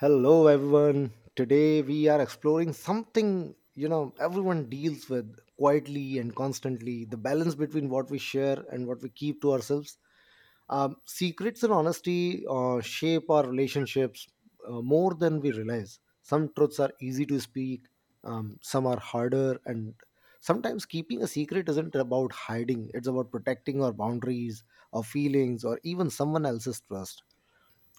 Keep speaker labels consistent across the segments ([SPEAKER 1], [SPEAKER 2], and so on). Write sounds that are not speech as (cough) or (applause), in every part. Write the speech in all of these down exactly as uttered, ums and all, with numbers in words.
[SPEAKER 1] Hello, everyone. Today we are exploring something you know everyone deals with quietly and constantly the balance between what we share and what we keep to ourselves. Um, secrets and honesty uh, shape our relationships uh, more than we realize. Some truths are easy to speak, um, some are harder, and sometimes keeping a secret isn't about hiding, it's about protecting our boundaries, our feelings, or even someone else's trust.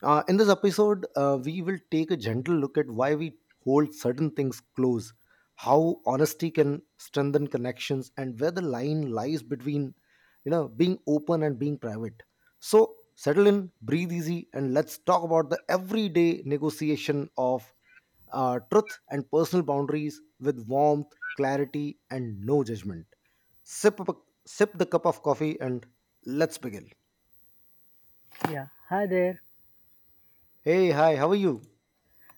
[SPEAKER 1] Uh, in this episode, uh, we will take a gentle look at why we hold certain things close, how honesty can strengthen connections, and where the line lies between, you know, being open and being private. So settle in, breathe easy, and let's talk about the everyday negotiation of uh, truth and personal boundaries with warmth, clarity, and no judgment. Sip, up- sip the cup of coffee, and let's begin.
[SPEAKER 2] Yeah, hi there.
[SPEAKER 1] Hey, hi, how are you?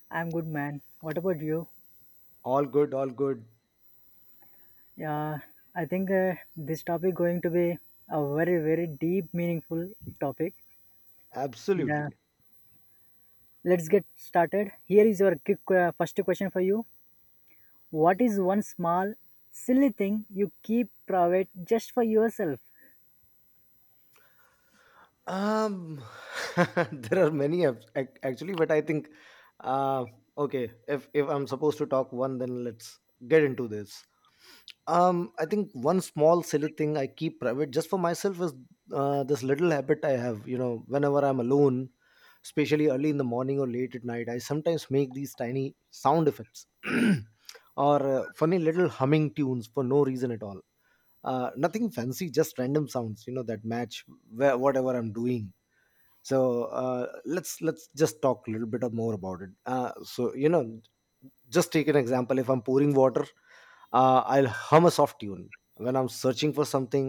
[SPEAKER 2] I'm good, man. What about you?
[SPEAKER 1] All good, all good.
[SPEAKER 2] Yeah, I think uh, this topic going to be a very very deep, meaningful topic. And, uh,
[SPEAKER 1] Absolutely.
[SPEAKER 2] let's get started. Here is your quick uh, first question for you. What is one small, silly thing you keep private just for yourself?
[SPEAKER 1] Um, (laughs) there are many apps ac- actually, but I think, uh, okay, if if I'm supposed to talk one, then let's get into this. Um, I think one small silly thing I keep private just for myself is uh, this little habit I have. You know, whenever I'm alone, especially early in the morning or late at night, I sometimes make these tiny sound effects (clears throat) or uh, funny little humming tunes for no reason at all. Uh, nothing fancy, just random sounds, you know, that match where, whatever I'm doing. So uh, let's let's just talk a little bit of more about it. Uh, so, you know, just take an example. If I'm pouring water, uh, I'll hum a soft tune. When I'm searching for something,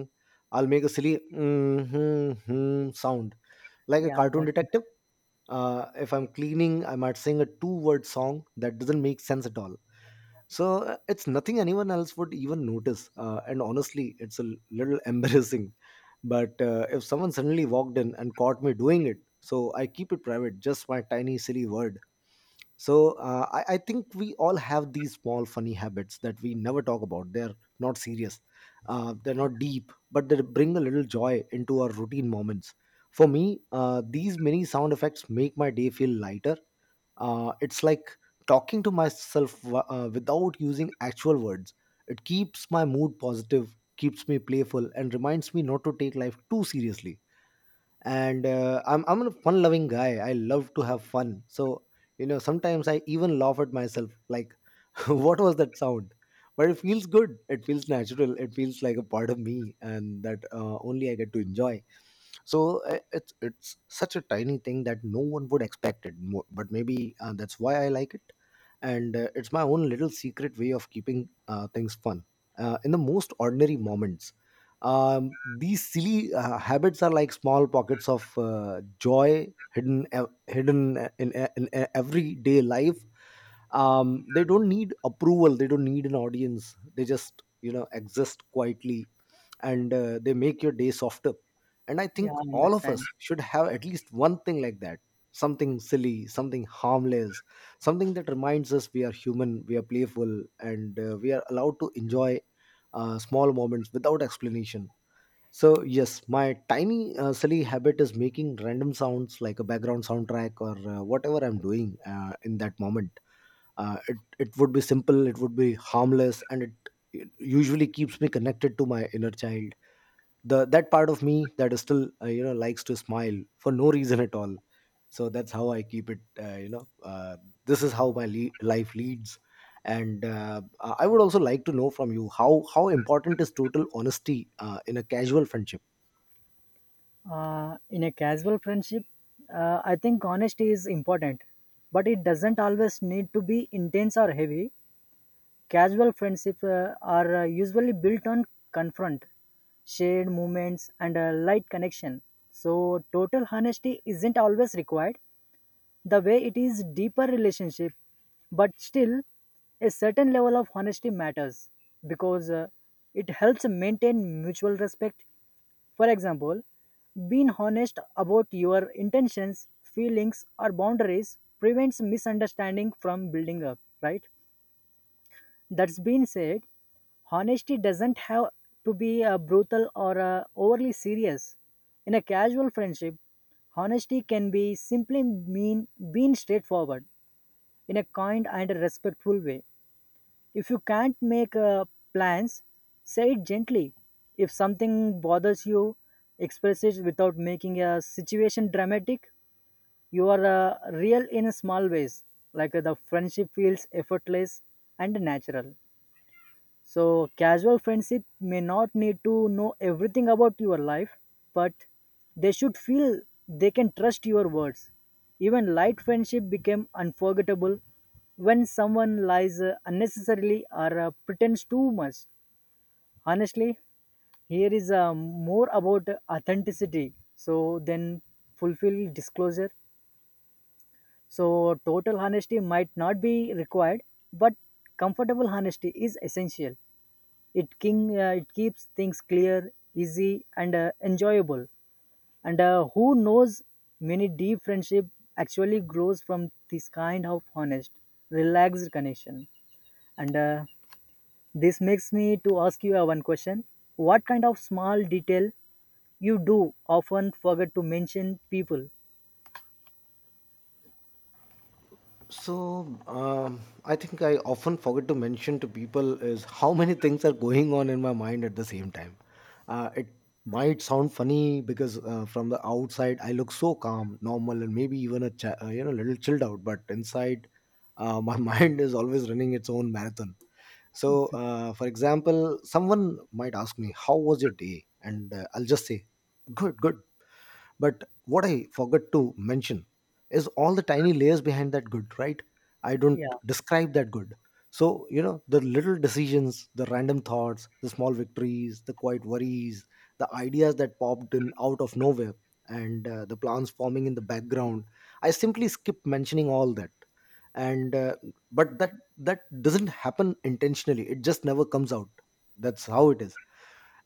[SPEAKER 1] I'll make a silly mm-hmm, hmm sound like a
[SPEAKER 2] Yeah, I
[SPEAKER 1] cartoon
[SPEAKER 2] got it.
[SPEAKER 1] detective. Uh, if I'm cleaning, I might sing a two word song that doesn't make sense at all. So uh, it's nothing anyone else would even notice. Uh, and honestly, it's a l- little (laughs) embarrassing. But uh, if someone suddenly walked in and caught me doing it, so I keep it private, just my tiny, silly word. So uh, I, I think we all have these small, funny habits that we never talk about. They're not serious, uh, they're not deep, but they bring a little joy into our routine moments. For me, uh, these mini sound effects make my day feel lighter. Uh, it's like talking to myself w- uh, without using actual words. It keeps my mood positive, keeps me playful, and reminds me not to take life too seriously. And uh, I'm, I'm a fun loving guy. I love to have fun. So, you know, sometimes I even laugh at myself like, (laughs) what was that sound? But it feels good. It feels natural. It feels like a part of me, and that uh, only I get to enjoy. So uh, it's it's such a tiny thing that no one would expect it mo- but maybe uh, that's why I like it. And uh, it's my own little secret way of keeping uh, things fun uh, in the most ordinary moments. Um, these silly uh, habits are like small pockets of uh, joy hidden ev- hidden in, in, uh, in uh, everyday life. Um, they don't need approval, they don't need an audience, they just, you know, exist quietly, and uh, they make your day softer. And I
[SPEAKER 2] Yeah,
[SPEAKER 1] think
[SPEAKER 2] I
[SPEAKER 1] all of
[SPEAKER 2] understand.
[SPEAKER 1] us should have at least one thing like that, something silly, something harmless, something that reminds us we are human, we are playful, and uh, we are allowed to enjoy uh, small moments without explanation. So yes, my tiny uh, silly habit is making random sounds like a background soundtrack or uh, whatever I'm doing uh, in that moment. Uh, it, it would be simple, it would be harmless, and it, it usually keeps me connected to my inner child, the that part of me that is still, uh, you know, likes to smile for no reason at all. So that's how I keep it, uh, you know. Uh, this is how my le- life leads. And uh, I would also like to know from you, how how important is total honesty uh, in a casual friendship?
[SPEAKER 2] Uh, in a casual friendship, uh, I think honesty is important, but it doesn't always need to be intense or heavy. Casual friendships uh, are uh, usually built on confront, shared moments, and a light connection. So, total honesty isn't always required the way it is deeper relationship, but still, a certain level of honesty matters because uh, it helps maintain mutual respect. For example, being honest about your intentions, feelings, or boundaries prevents misunderstanding from building up, right? That's been said, honesty doesn't have to be uh, brutal or uh, overly serious. In a casual friendship, honesty can be simply mean being straightforward in a kind and a respectful way. If you can't make uh, plans, say it gently. If something bothers you, express it without making a situation dramatic. You are uh, real in small ways, like uh, the friendship feels effortless and natural. So, casual friendship may not need to know everything about your life, but they should feel they can trust your words. Even light friendship became unforgettable when someone lies uh, unnecessarily or uh, pretends too much. Honestly, here is uh, more about authenticity. So, then fulfill disclosure. So, total honesty might not be required, but comfortable honesty is essential. It king uh, it keeps things clear, easy, and uh, enjoyable. And uh, who knows, many deep friendship actually grows from this kind of honest, relaxed connection. And uh, this makes me to ask you uh, one question: What kind of small detail you do often forget to mention people?
[SPEAKER 1] So, um, I think I often forget to mention to people is how many things are going on in my mind at the same time. Uh, it might sound funny because uh, from the outside I look so calm, normal, and maybe even a chi- uh, you know, little chilled out, but inside uh, my (laughs) mind is always running its own marathon. So, uh, for example, someone might ask me, "How was your day?" and uh, I'll just say, "Good, good." But what I forgot to mention is all the tiny layers behind that good, right? I don't
[SPEAKER 2] Yeah,
[SPEAKER 1] describe that good. So, you know, the little decisions, the random thoughts, the small victories, the quiet worries, the ideas that popped in out of nowhere, and uh, the plans forming in the background. I simply skip mentioning all that. And uh, but that that doesn't happen intentionally. It just never comes out. That's how it is.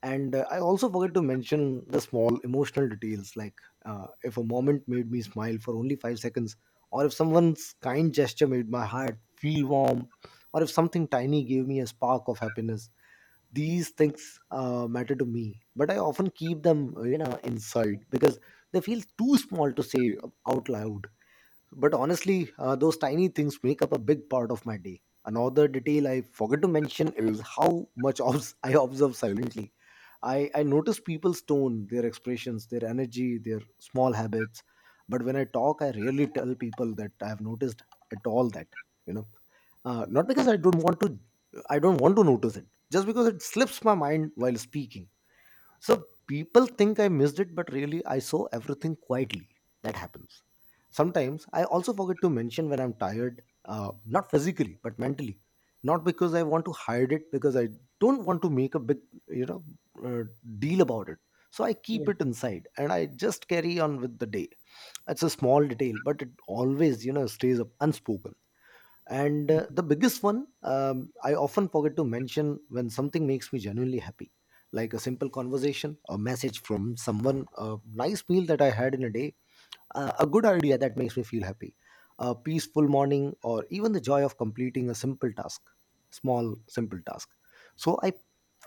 [SPEAKER 1] And uh, I also forget to mention the small emotional details, like uh, if a moment made me smile for only five seconds, or if someone's kind gesture made my heart feel warm, or if something tiny gave me a spark of happiness. These things, uh, matter to me, but I often keep them, uh, you know, inside because they feel too small to say out loud. But honestly, uh, those tiny things make up a big part of my day. Another detail I forgot to mention is how much (laughs) obs- I observe silently. I, I notice people's tone, their expressions, their energy, their small habits. But when I talk, I rarely tell people that I have noticed at all that, you know. Uh, not because I don't want to, I don't want to notice it, just because it slips my mind while speaking, so people think I missed it, but really I saw everything quietly. That happens. Sometimes I also forget to mention when I'm tired, uh, not physically, but mentally. Not because I want to hide it, because I don't want to make a big, you know, uh, deal about it. So I
[SPEAKER 2] yeah,
[SPEAKER 1] keep it inside and I just carry on with the day. It's a small detail, but it always, you know, stays up unspoken. And uh, the biggest one, um, I often forget to mention when something makes me genuinely happy, like a simple conversation, a message from someone, a nice meal that I had in a day, uh, a good idea that makes me feel happy, a peaceful morning, or even the joy of completing a simple task, small, simple task. So I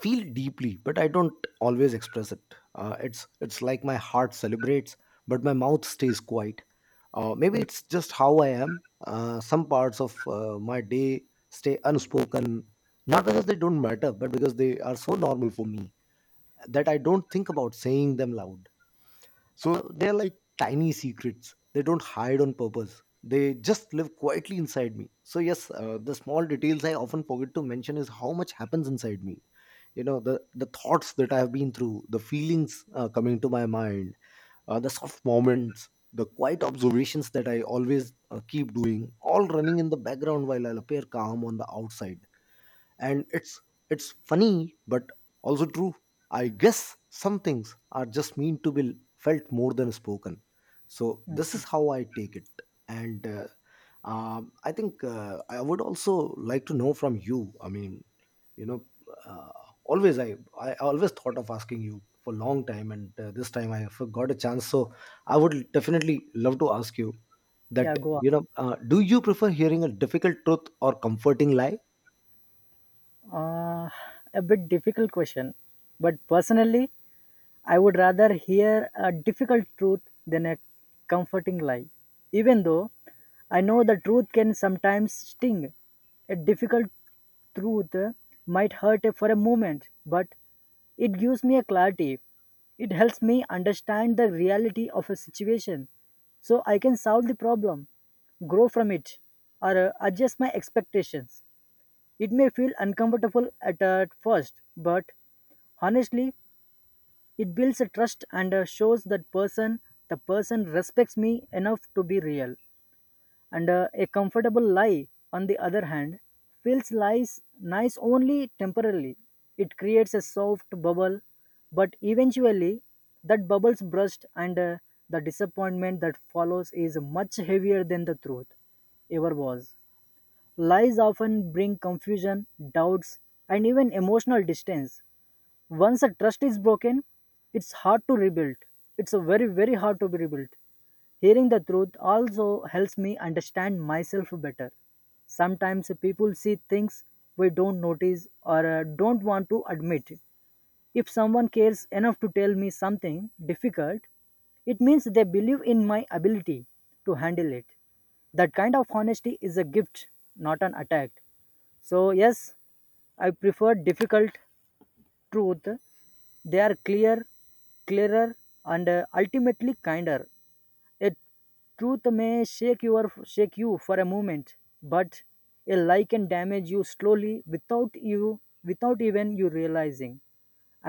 [SPEAKER 1] feel deeply, but I don't always express it. Uh, it's it's like my heart celebrates, but my mouth stays quiet. Uh, maybe
[SPEAKER 2] mm,
[SPEAKER 1] it's just how I am. Uh, some parts of uh, my day stay unspoken, not because they don't matter, but because they are so normal for me that I don't think about saying them loud. So they're like tiny secrets. They don't hide on purpose. They just live quietly inside me. So yes, uh, the small details I often forget to mention is how much happens inside me. You know, the the thoughts that I have been through, the feelings uh, coming to my mind, uh, the soft moments, the quiet observations that I always uh, keep doing, all running in the background while I appear calm on the outside. And it's it's funny but also true. I guess some things are just meant to be felt more than spoken. So this
[SPEAKER 2] mm,
[SPEAKER 1] is how I take it. And uh, um, i think uh, I would also like to know from you, I mean, you know, uh, always I, I always thought of asking you for a long time, and uh, this time I have got a chance, so I would definitely love to ask you
[SPEAKER 2] yeah.
[SPEAKER 1] that,
[SPEAKER 2] Go on.
[SPEAKER 1] you know, uh, do you prefer hearing a difficult truth or comforting lie?
[SPEAKER 2] Uh, a bit difficult question, but personally, I would rather hear a difficult truth than a comforting lie. Even though I know the truth can sometimes sting, a difficult truth uh, might hurt for a moment, but it gives me a clarity. It helps me understand the reality of a situation so I can solve the problem, grow from it, or uh, adjust my expectations. It may feel uncomfortable at, at first, but honestly, it builds a trust and uh, shows that person the person respects me enough to be real. And uh, a comfortable lie, on the other hand, feels lies nice only temporarily. It creates a soft bubble, but eventually that bubble's burst and uh, the disappointment that follows is much heavier than the truth ever was. Lies often bring confusion, doubts, and even emotional distance once a trust is broken, it's hard to rebuild. It's a very very hard to be rebuilt. Hearing the truth also helps me understand myself better. Sometimes people see things we don't notice or uh, don't want to admit. If someone cares enough to tell me something difficult, it means they believe in my ability to handle it. That kind of honesty is a gift, not an attack. So yes, I prefer difficult truth. They are clear clearer and uh, ultimately kinder. A truth may shake your shake you for a moment, but a lie can damage you slowly without you without even you realizing.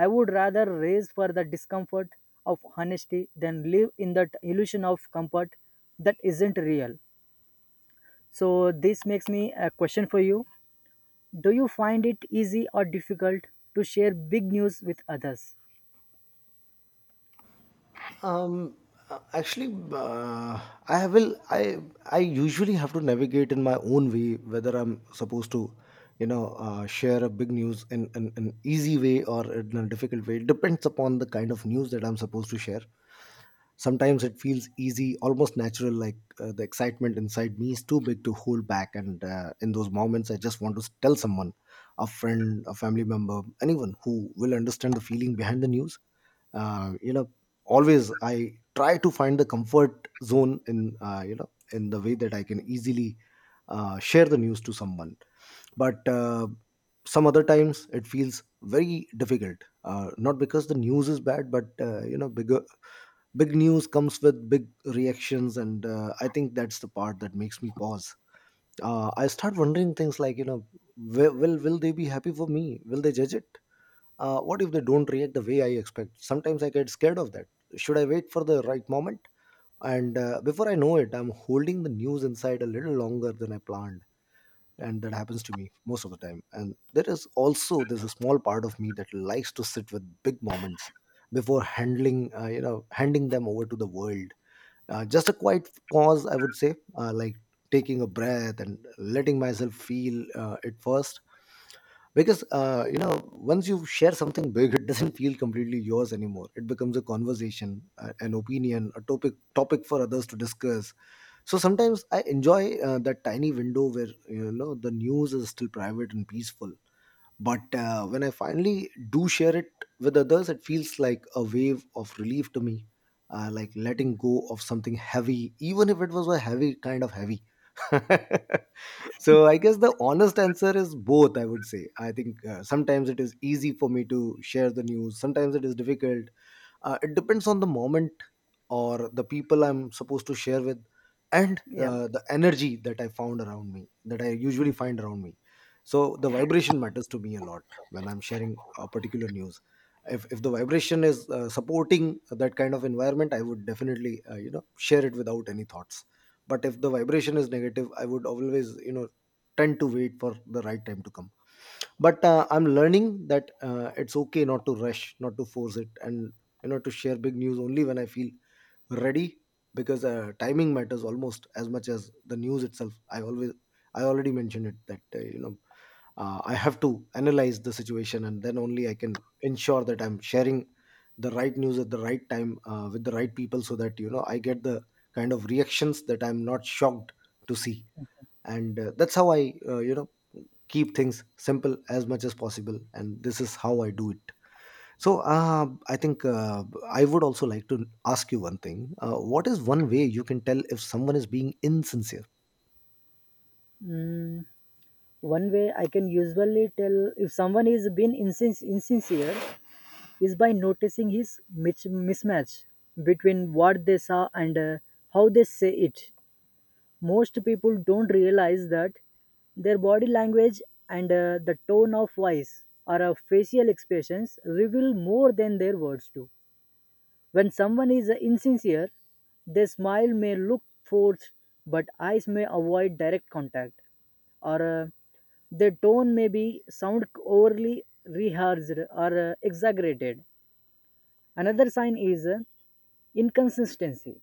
[SPEAKER 2] I would rather raise for the discomfort of honesty than live in that illusion of comfort that isn't real. So this makes me a question for you: do you find it easy or difficult to share big news with others?
[SPEAKER 1] Um, uh, actually, uh, I will. I I usually have to navigate in my own way whether I'm supposed to, you know, uh, share a big news in in an easy way or in a difficult way. It depends upon the kind of news that I'm supposed to share. Sometimes it feels easy, almost natural, like uh, the excitement inside me is too big to hold back. And uh, in those moments, I just want to tell someone, a friend, a family member, anyone who will understand the feeling behind the news. Uh, you know, always I try to find the comfort zone in, uh, you know, in the way that I can easily uh, share the news to someone. But uh, Some other times it feels very difficult, uh, not because the news is bad, but, uh, you know, bigger big news comes with big reactions, and uh, I think that's the part that makes me pause. uh, I start wondering things like, you know will, will will they be happy for me? Will they judge it? Uh, what if they don't react the way I expect? Sometimes I get scared of that. Should I wait for the right moment? And uh, before I know it, I'm holding the news inside a little longer than I planned. And that happens to me most of the time. And there is also there's a small part of me that likes to sit with big moments before handling uh, you know handing them over to the world. Uh, just a quiet pause, I would say, uh, like taking a breath and letting myself feel uh, it first. Because uh, you know once you share something big (laughs) it doesn't feel completely yours anymore. It becomes a conversation, uh, an opinion, a topic topic for others to discuss. So sometimes I enjoy uh, that tiny window where, you know the news is still private and peaceful. But uh, when I finally do share it with others, it feels like a wave of relief to me, uh, like letting go of something heavy, even if it was a heavy kind of heavy. (laughs) So I guess the honest answer is both, I would say. I think uh, sometimes it is easy for me to share the news, sometimes it is difficult. Uh, it depends on the moment or the people I'm supposed to share with, and
[SPEAKER 2] Yeah.
[SPEAKER 1] uh, the energy that I found around me that I usually find around me So the vibration matters to me a lot when I'm sharing a particular news. If, if the vibration is uh, supporting that kind of environment, I would definitely uh, you know share it without any thoughts. But if the vibration is negative, I would always, you know tend to wait for the right time to come. But uh, I'm learning that uh, it's okay not to rush, not to force it, and you know to share big news only when I feel ready. Because uh, timing matters almost as much as the news itself. i always I already mentioned it that, uh, you know uh, I have to analyze the situation, and then only I can ensure that I'm sharing the right news at the right time uh, with the right people, so that, you know I get the kind of reactions that I'm not shocked to see. And uh, that's how I uh, you know keep things simple as much as possible, and this is how I do it. So uh, I think uh, I would also like to ask you one thing. Uh, what is one way you can tell if someone is being insincere?
[SPEAKER 2] Mm, one way I can usually tell if someone is being insin- insincere is by noticing his mis- mismatch between what they saw and uh, how they say it. Most people don't realize that their body language and uh, the tone of voice or uh, facial expressions reveal more than their words do. When someone is insincere, their smile may look forced, but eyes may avoid direct contact, or uh, their tone may be sound overly rehearsed or uh, exaggerated. Another sign is uh, inconsistency.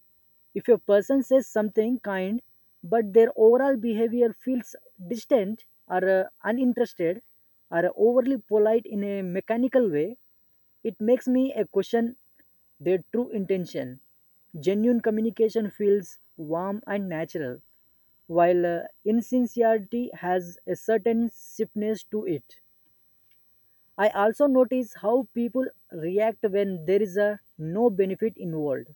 [SPEAKER 2] If a person says something kind, but their overall behavior feels distant or uh, uninterested or overly polite in a mechanical way, it makes me a question their true intention. Genuine communication feels warm and natural, while uh, insincerity has a certain stiffness to it. I also notice how people react when there is a no benefit involved.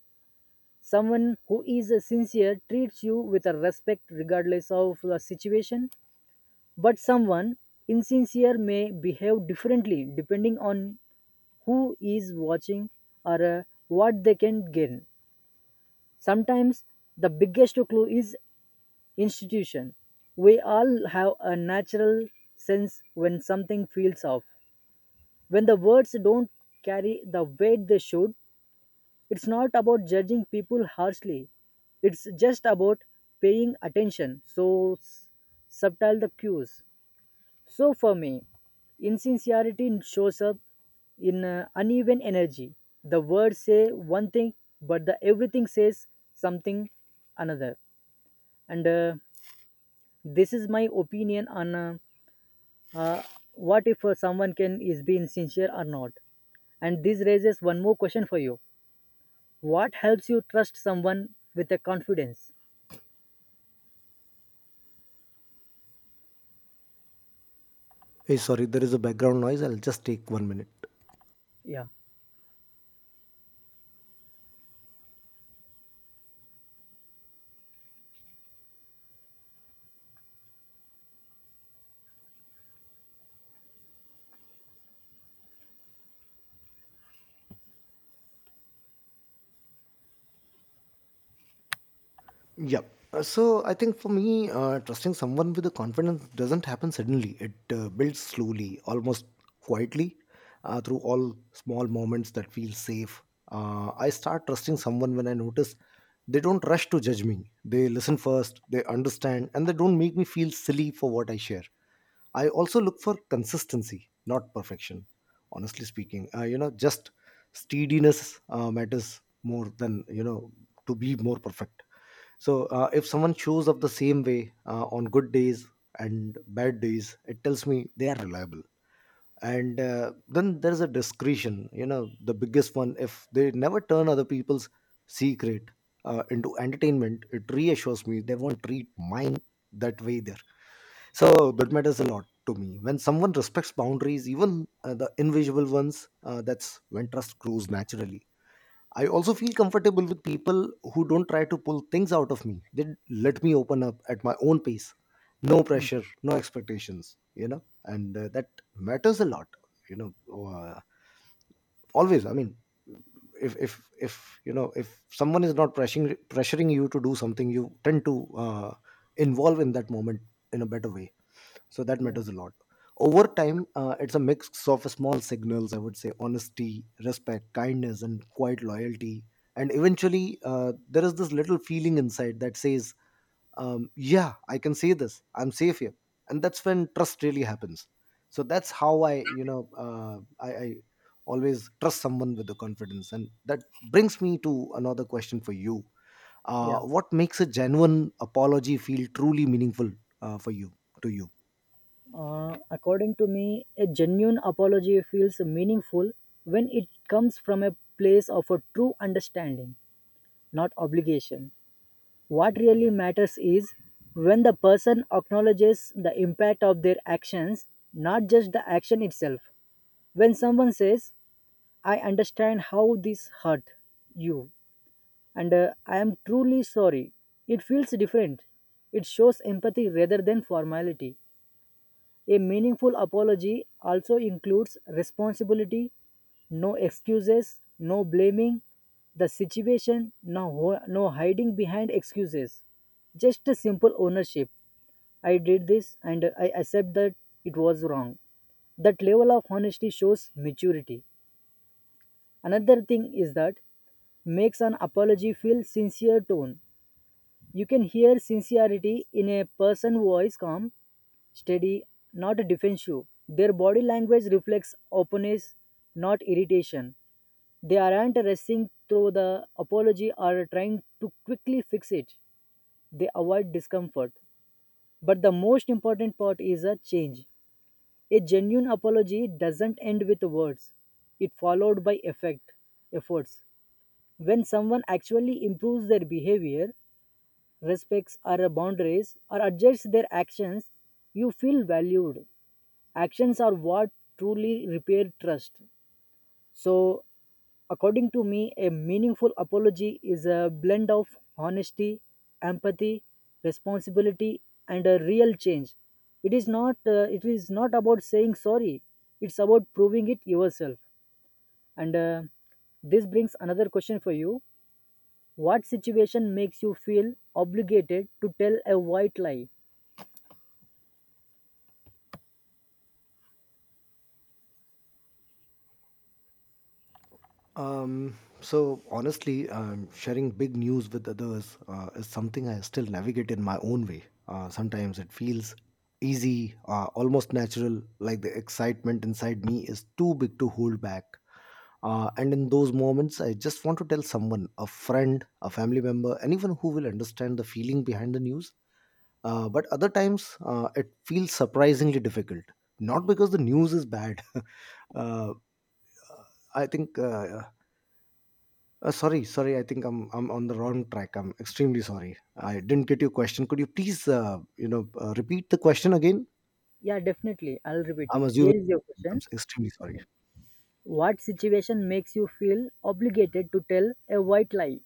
[SPEAKER 2] Someone who is uh, sincere treats you with a respect regardless of the situation, but someone insincere may behave differently depending on who is watching or uh, what they can gain. Sometimes the biggest clue is institution. We all have a natural sense when something feels off. When the words don't carry the weight they should, it's not about judging people harshly. It's just about paying attention. So s- subtle the cues. So for me, insincerity shows up in uh, uneven energy. The words say one thing, but the everything says something another. And uh, this is my opinion on uh, uh, what if uh, someone can is be insincere or not. And this raises one more question for you. What helps you trust someone with a confidence?
[SPEAKER 1] Hey, sorry, there is a background noise, I'll just take one minute.
[SPEAKER 2] Yeah.
[SPEAKER 1] Yep. Uh, So I think for me, uh, trusting someone with the confidence doesn't happen suddenly. It uh, builds slowly, almost quietly, uh, through all small moments that feel safe. Uh, I start trusting someone when I notice they don't rush to judge me. They listen first, they understand, and they don't make me feel silly for what I share. I also look for consistency, not perfection. Honestly speaking, uh, you know, just steadiness uh, matters more than, you know to be more perfect. So uh, if someone shows up the same way uh, on good days and bad days, it tells me they are reliable. And uh, then there's a discretion, you know, the biggest one. If they never turn other people's secret uh, into entertainment, it reassures me they won't treat mine that way there. So that matters a lot to me. When someone respects boundaries, even uh, the invisible ones, uh, that's when trust grows naturally. I also feel comfortable with people who don't try to pull things out of me. They let me open up at my own pace. No
[SPEAKER 2] Mm.
[SPEAKER 1] pressure, no expectations, you know, and uh, that matters a lot, you know, uh, always. I mean, if, if, if, you know, if someone is not pressuring, pressuring you to do something, you tend to uh, involve in that moment in a better way, so that
[SPEAKER 2] Yeah.
[SPEAKER 1] matters a lot. Over time, uh, it's a mix of small signals, I would say: honesty, respect, kindness, and quiet loyalty. And eventually, uh, there is this little feeling inside that says, um, yeah, I can say this, I'm safe here. And that's when trust really happens. So that's how I, you know uh, I, I always trust someone with the confidence. And that brings me to another question for you. Uh,
[SPEAKER 2] Yeah.
[SPEAKER 1] what makes a genuine apology feel truly meaningful, uh, for you, to you?
[SPEAKER 2] Uh, according to me, a genuine apology feels meaningful when it comes from a place of a true understanding, not obligation. What really matters is when the person acknowledges the impact of their actions, not just the action itself. When someone says, "I understand how this hurt you, and uh, I am truly sorry," it feels different. It shows empathy rather than formality. A meaningful apology also includes responsibility, no excuses, no blaming the situation, no, no hiding behind excuses. Just a simple ownership. I did this and I accept that it was wrong. That level of honesty shows maturity. Another thing is that makes an apology feel sincere tone. You can hear sincerity in a person who is calm, steady, not defensive. Their body language reflects openness, not irritation. They aren't rushing through the apology or trying to quickly fix it. They avoid discomfort. But the most important part is a change. A genuine apology doesn't end with words. It followed by effect efforts. When someone actually improves their behavior, respects our boundaries, or adjusts their actions, you feel valued. Actions are what truly repair trust. So, according to me, a meaningful apology is a blend of honesty, empathy, responsibility, and a real change. It is not. Uh, it is not about saying sorry. It's about proving it yourself. And uh, this brings another question for you: what situation makes you feel obligated to tell a white lie?
[SPEAKER 1] Um, so honestly, um, sharing big news with others uh, is something I still navigate in my own way. Uh, sometimes it feels easy, uh, almost natural, like the excitement inside me is too big to hold back. Uh, and in those moments, I just want to tell someone, a friend, a family member, anyone who will understand the feeling behind the news. Uh, but other times, uh, it feels surprisingly difficult. Not because the news is bad. (laughs) uh, I think uh, uh, sorry, sorry. I think I'm I'm on the wrong track. I'm extremely sorry. I didn't get your question. Could you please, uh, you know, uh, repeat the question again?
[SPEAKER 2] Yeah, definitely. I'll repeat
[SPEAKER 1] I'm
[SPEAKER 2] you.
[SPEAKER 1] assuming.
[SPEAKER 2] Here is your
[SPEAKER 1] I'm
[SPEAKER 2] question.
[SPEAKER 1] extremely sorry.
[SPEAKER 2] What situation makes you feel obligated to tell a white lie?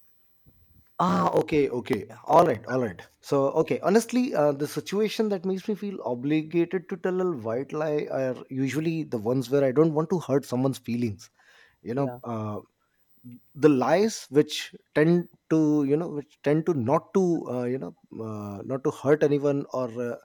[SPEAKER 1] Ah, okay, okay. All right, all right. So, okay, honestly, uh, the situation that makes me feel obligated to tell a white lie are usually the ones where I don't want to hurt someone's feelings. You know,
[SPEAKER 2] Yeah,
[SPEAKER 1] uh, the lies which tend to, you know, which tend to not to, uh, you know, uh, not to hurt anyone, or uh,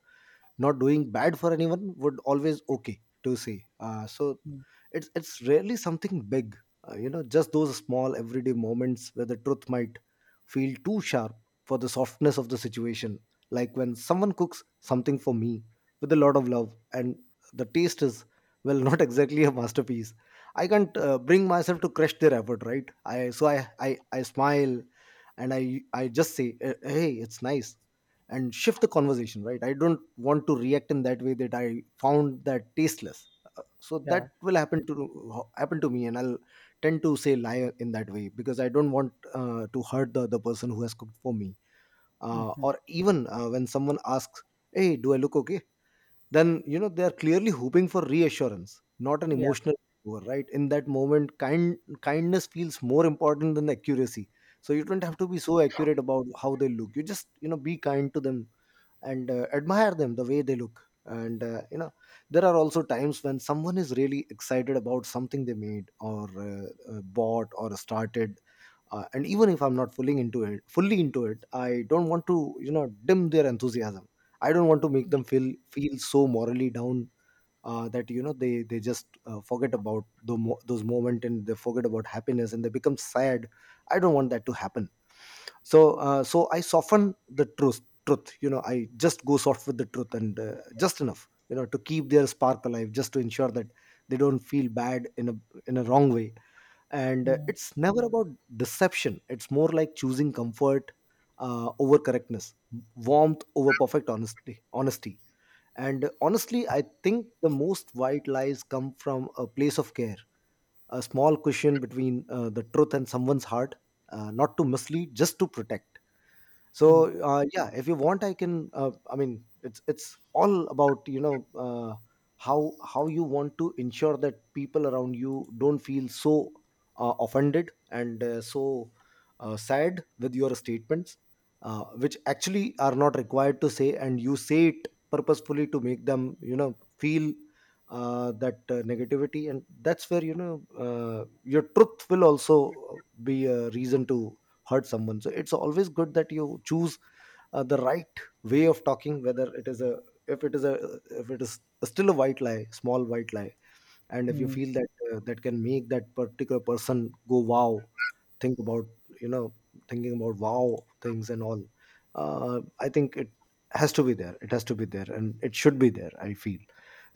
[SPEAKER 1] not doing bad for anyone, would always okay to say. Uh, so
[SPEAKER 2] mm,
[SPEAKER 1] it's it's rarely something big, uh, you know, just those small everyday moments where the truth might feel too sharp for the softness of the situation. Like when someone cooks something for me with a lot of love and the taste is, well, not exactly a masterpiece. I can't uh, bring myself to crush their effort, right? i so i i, I smile and I I just say, eh, hey, it's nice, and shift the conversation. Right, I don't want to react in that way that I found that tasteless. So
[SPEAKER 2] yeah,
[SPEAKER 1] that will happen to happen to me, and I'll tend to say lie in that way, because I don't want uh, to hurt the other person who has cooked for me. Uh, or even uh, when someone asks, hey, do I look okay? Then, you know, they are clearly hoping for reassurance, not an
[SPEAKER 2] yeah,
[SPEAKER 1] emotional over right. In that moment, kind kindness feels more important than accuracy. So you don't have to be so accurate about how they look. You just, you know, be kind to them, and uh, admire them the way they look. And uh, you know there are also times when someone is really excited about something they made, or uh, uh, bought or started, uh, and even if I'm not fully into it fully into it, I don't want to, you know, dim their enthusiasm. I don't want to make them feel feel so morally down, uh, that, you know, they they just uh, forget about the mo- those moment, and they forget about happiness and they become sad. I don't want that to happen. So uh, so I soften the truth truth, you know. I just go soft with the truth, and uh, just enough, you know, to keep their spark alive, just to ensure that they don't feel bad in a, in a wrong way. And uh, it's never about deception. It's more like choosing comfort uh, over correctness, warmth over perfect honesty honesty. And honestly, I think the most white lies come from a place of care, a small cushion between uh, the truth and someone's heart. Uh, not to mislead, just to protect. So
[SPEAKER 2] mm,
[SPEAKER 1] uh, yeah, if you want, I can, uh, I mean, it's it's all about, you know, uh, how how you want to ensure that people around you don't feel so uh, offended and uh, so uh, sad with your statements, uh, which actually are not required to say, and you say it purposefully to make them, you know, feel uh, that uh, negativity. And that's where, you know, uh, your truth will also be a reason to hurt someone. So it's always good that you choose uh, the right way of talking, whether it is a, if it is a if it is still a white lie, small white lie. And if you
[SPEAKER 2] mm,
[SPEAKER 1] feel that uh, that can make that particular person go wow, think about, you know, thinking about wow things and all, uh, I think it has to be there it has to be there, and it should be there, I feel.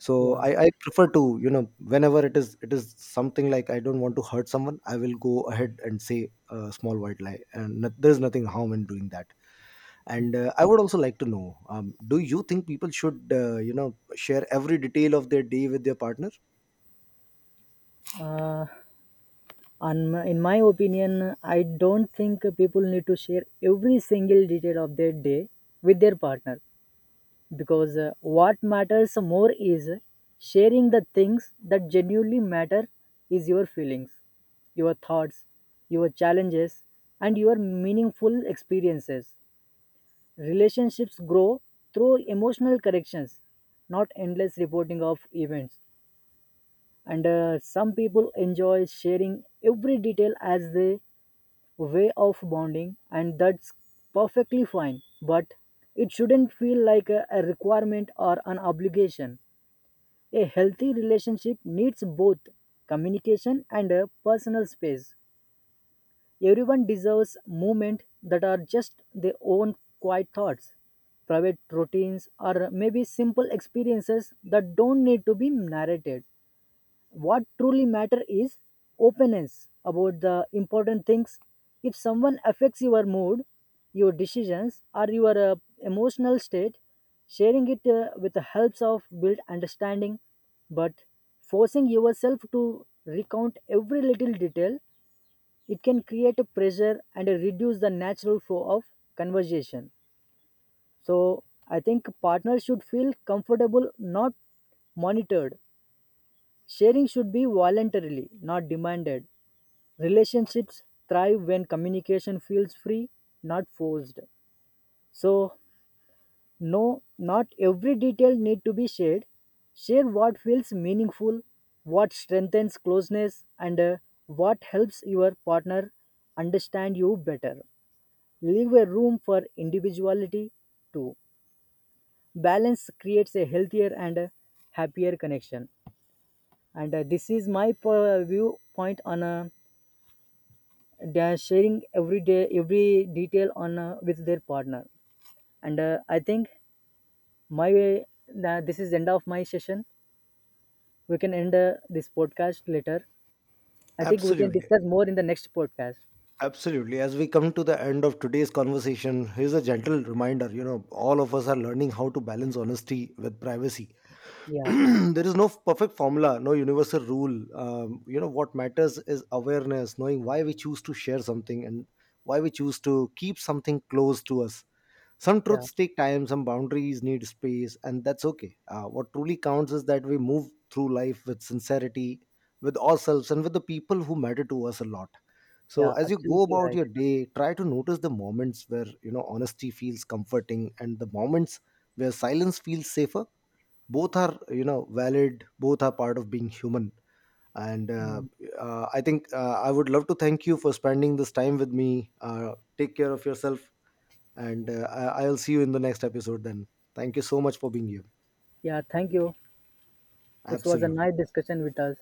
[SPEAKER 1] So
[SPEAKER 2] yeah.
[SPEAKER 1] I, I prefer to, you know, whenever it is, it is something like I don't want to hurt someone, I will go ahead and say a small white lie, and no- there's nothing harm in doing that. And uh, I would also like to know, um, do you think people should, uh, you know share every detail of their day with their partner?
[SPEAKER 2] Uh, on my, in my opinion, I don't think people need to share every single detail of their day with their partner, because uh, what matters more is sharing the things that genuinely matter is your feelings, your thoughts, your challenges, and your meaningful experiences. Relationships grow through emotional corrections, not endless reporting of events. And uh, some people enjoy sharing every detail as their way of bonding, and that's perfectly fine, but it shouldn't feel like a, a requirement or an obligation. A healthy relationship needs both communication and a personal space. Everyone deserves moments that are just their own quiet thoughts, private routines, or maybe simple experiences that don't need to be narrated. What truly matter is openness about the important things. If someone affects your mood, your decisions, or your uh, emotional state, sharing it uh, with the helps of build understanding. But forcing yourself to recount every little detail, it can create a pressure and uh, reduce the natural flow of conversation. So I think partners should feel comfortable, not monitored. Sharing should be voluntarily, not demanded. Relationships thrive when communication feels free, not forced. So, no, not every detail need to be shared. Share what feels meaningful, what strengthens closeness, and uh, what helps your partner understand you better. Leave a room for individuality too. Balance creates a healthier and uh, happier connection. And uh, this is my po- viewpoint on uh, they are sharing every day every detail on uh, with their partner. And uh, I think my way that this is end of my session. We can end uh, this podcast later. I think we can
[SPEAKER 1] Absolutely.
[SPEAKER 2] discuss more in the next podcast.
[SPEAKER 1] Absolutely. As we come to the end of today's conversation, here's a gentle reminder, you know, all of us are learning how to balance honesty with privacy. (clears throat)
[SPEAKER 2] Yeah,
[SPEAKER 1] There is no perfect formula, no universal rule. Um, you know, what matters is awareness, knowing why we choose to share something, and why we choose to keep something close to us. Some
[SPEAKER 2] yeah,
[SPEAKER 1] truths take time, some boundaries need space, and that's okay. Uh, what truly counts is that we move through life with sincerity, with ourselves, and with the people who matter to us a lot. So,
[SPEAKER 2] yeah,
[SPEAKER 1] as you go
[SPEAKER 2] absolutely
[SPEAKER 1] about
[SPEAKER 2] right.
[SPEAKER 1] your day, try to notice the moments where, you know, honesty feels comforting, and the moments where silence feels safer. Both are, you know, valid. Both are part of being human. And uh,
[SPEAKER 2] Mm.
[SPEAKER 1] uh, I think uh, I would love to thank you for spending this time with me. Uh, take care of yourself, and uh, I- I'll see you in the next episode then. Thank you so much for being here.
[SPEAKER 2] Yeah, thank you. It was a
[SPEAKER 1] Absolutely.
[SPEAKER 2] nice discussion with us.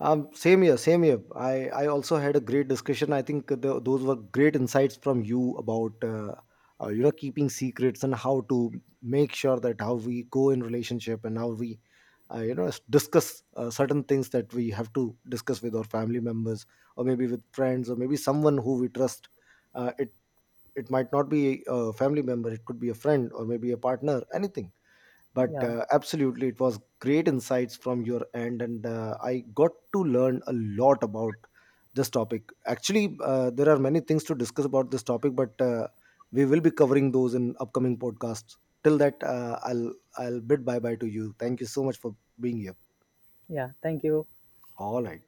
[SPEAKER 1] um Same here, same here. I I also had a great discussion. I think the, those were great insights from you about uh, uh, you know, keeping secrets, and how to make sure that how we go in relationship, and how we uh, you know, s- discuss uh, certain things that we have to discuss with our family members, or maybe with friends, or maybe someone who we trust. Uh, it it might not be a family member, it could be a friend, or maybe a partner, anything. but
[SPEAKER 2] Yeah,
[SPEAKER 1] uh, absolutely, it was great insights from your end, and uh, I got to learn a lot about this topic. Actually uh, there are many things to discuss about this topic, but uh, we will be covering those in upcoming podcasts. Till that, uh, I'll i'll bid bye bye to you. Thank you so much for being here.
[SPEAKER 2] yeah, thank you.
[SPEAKER 1] All right.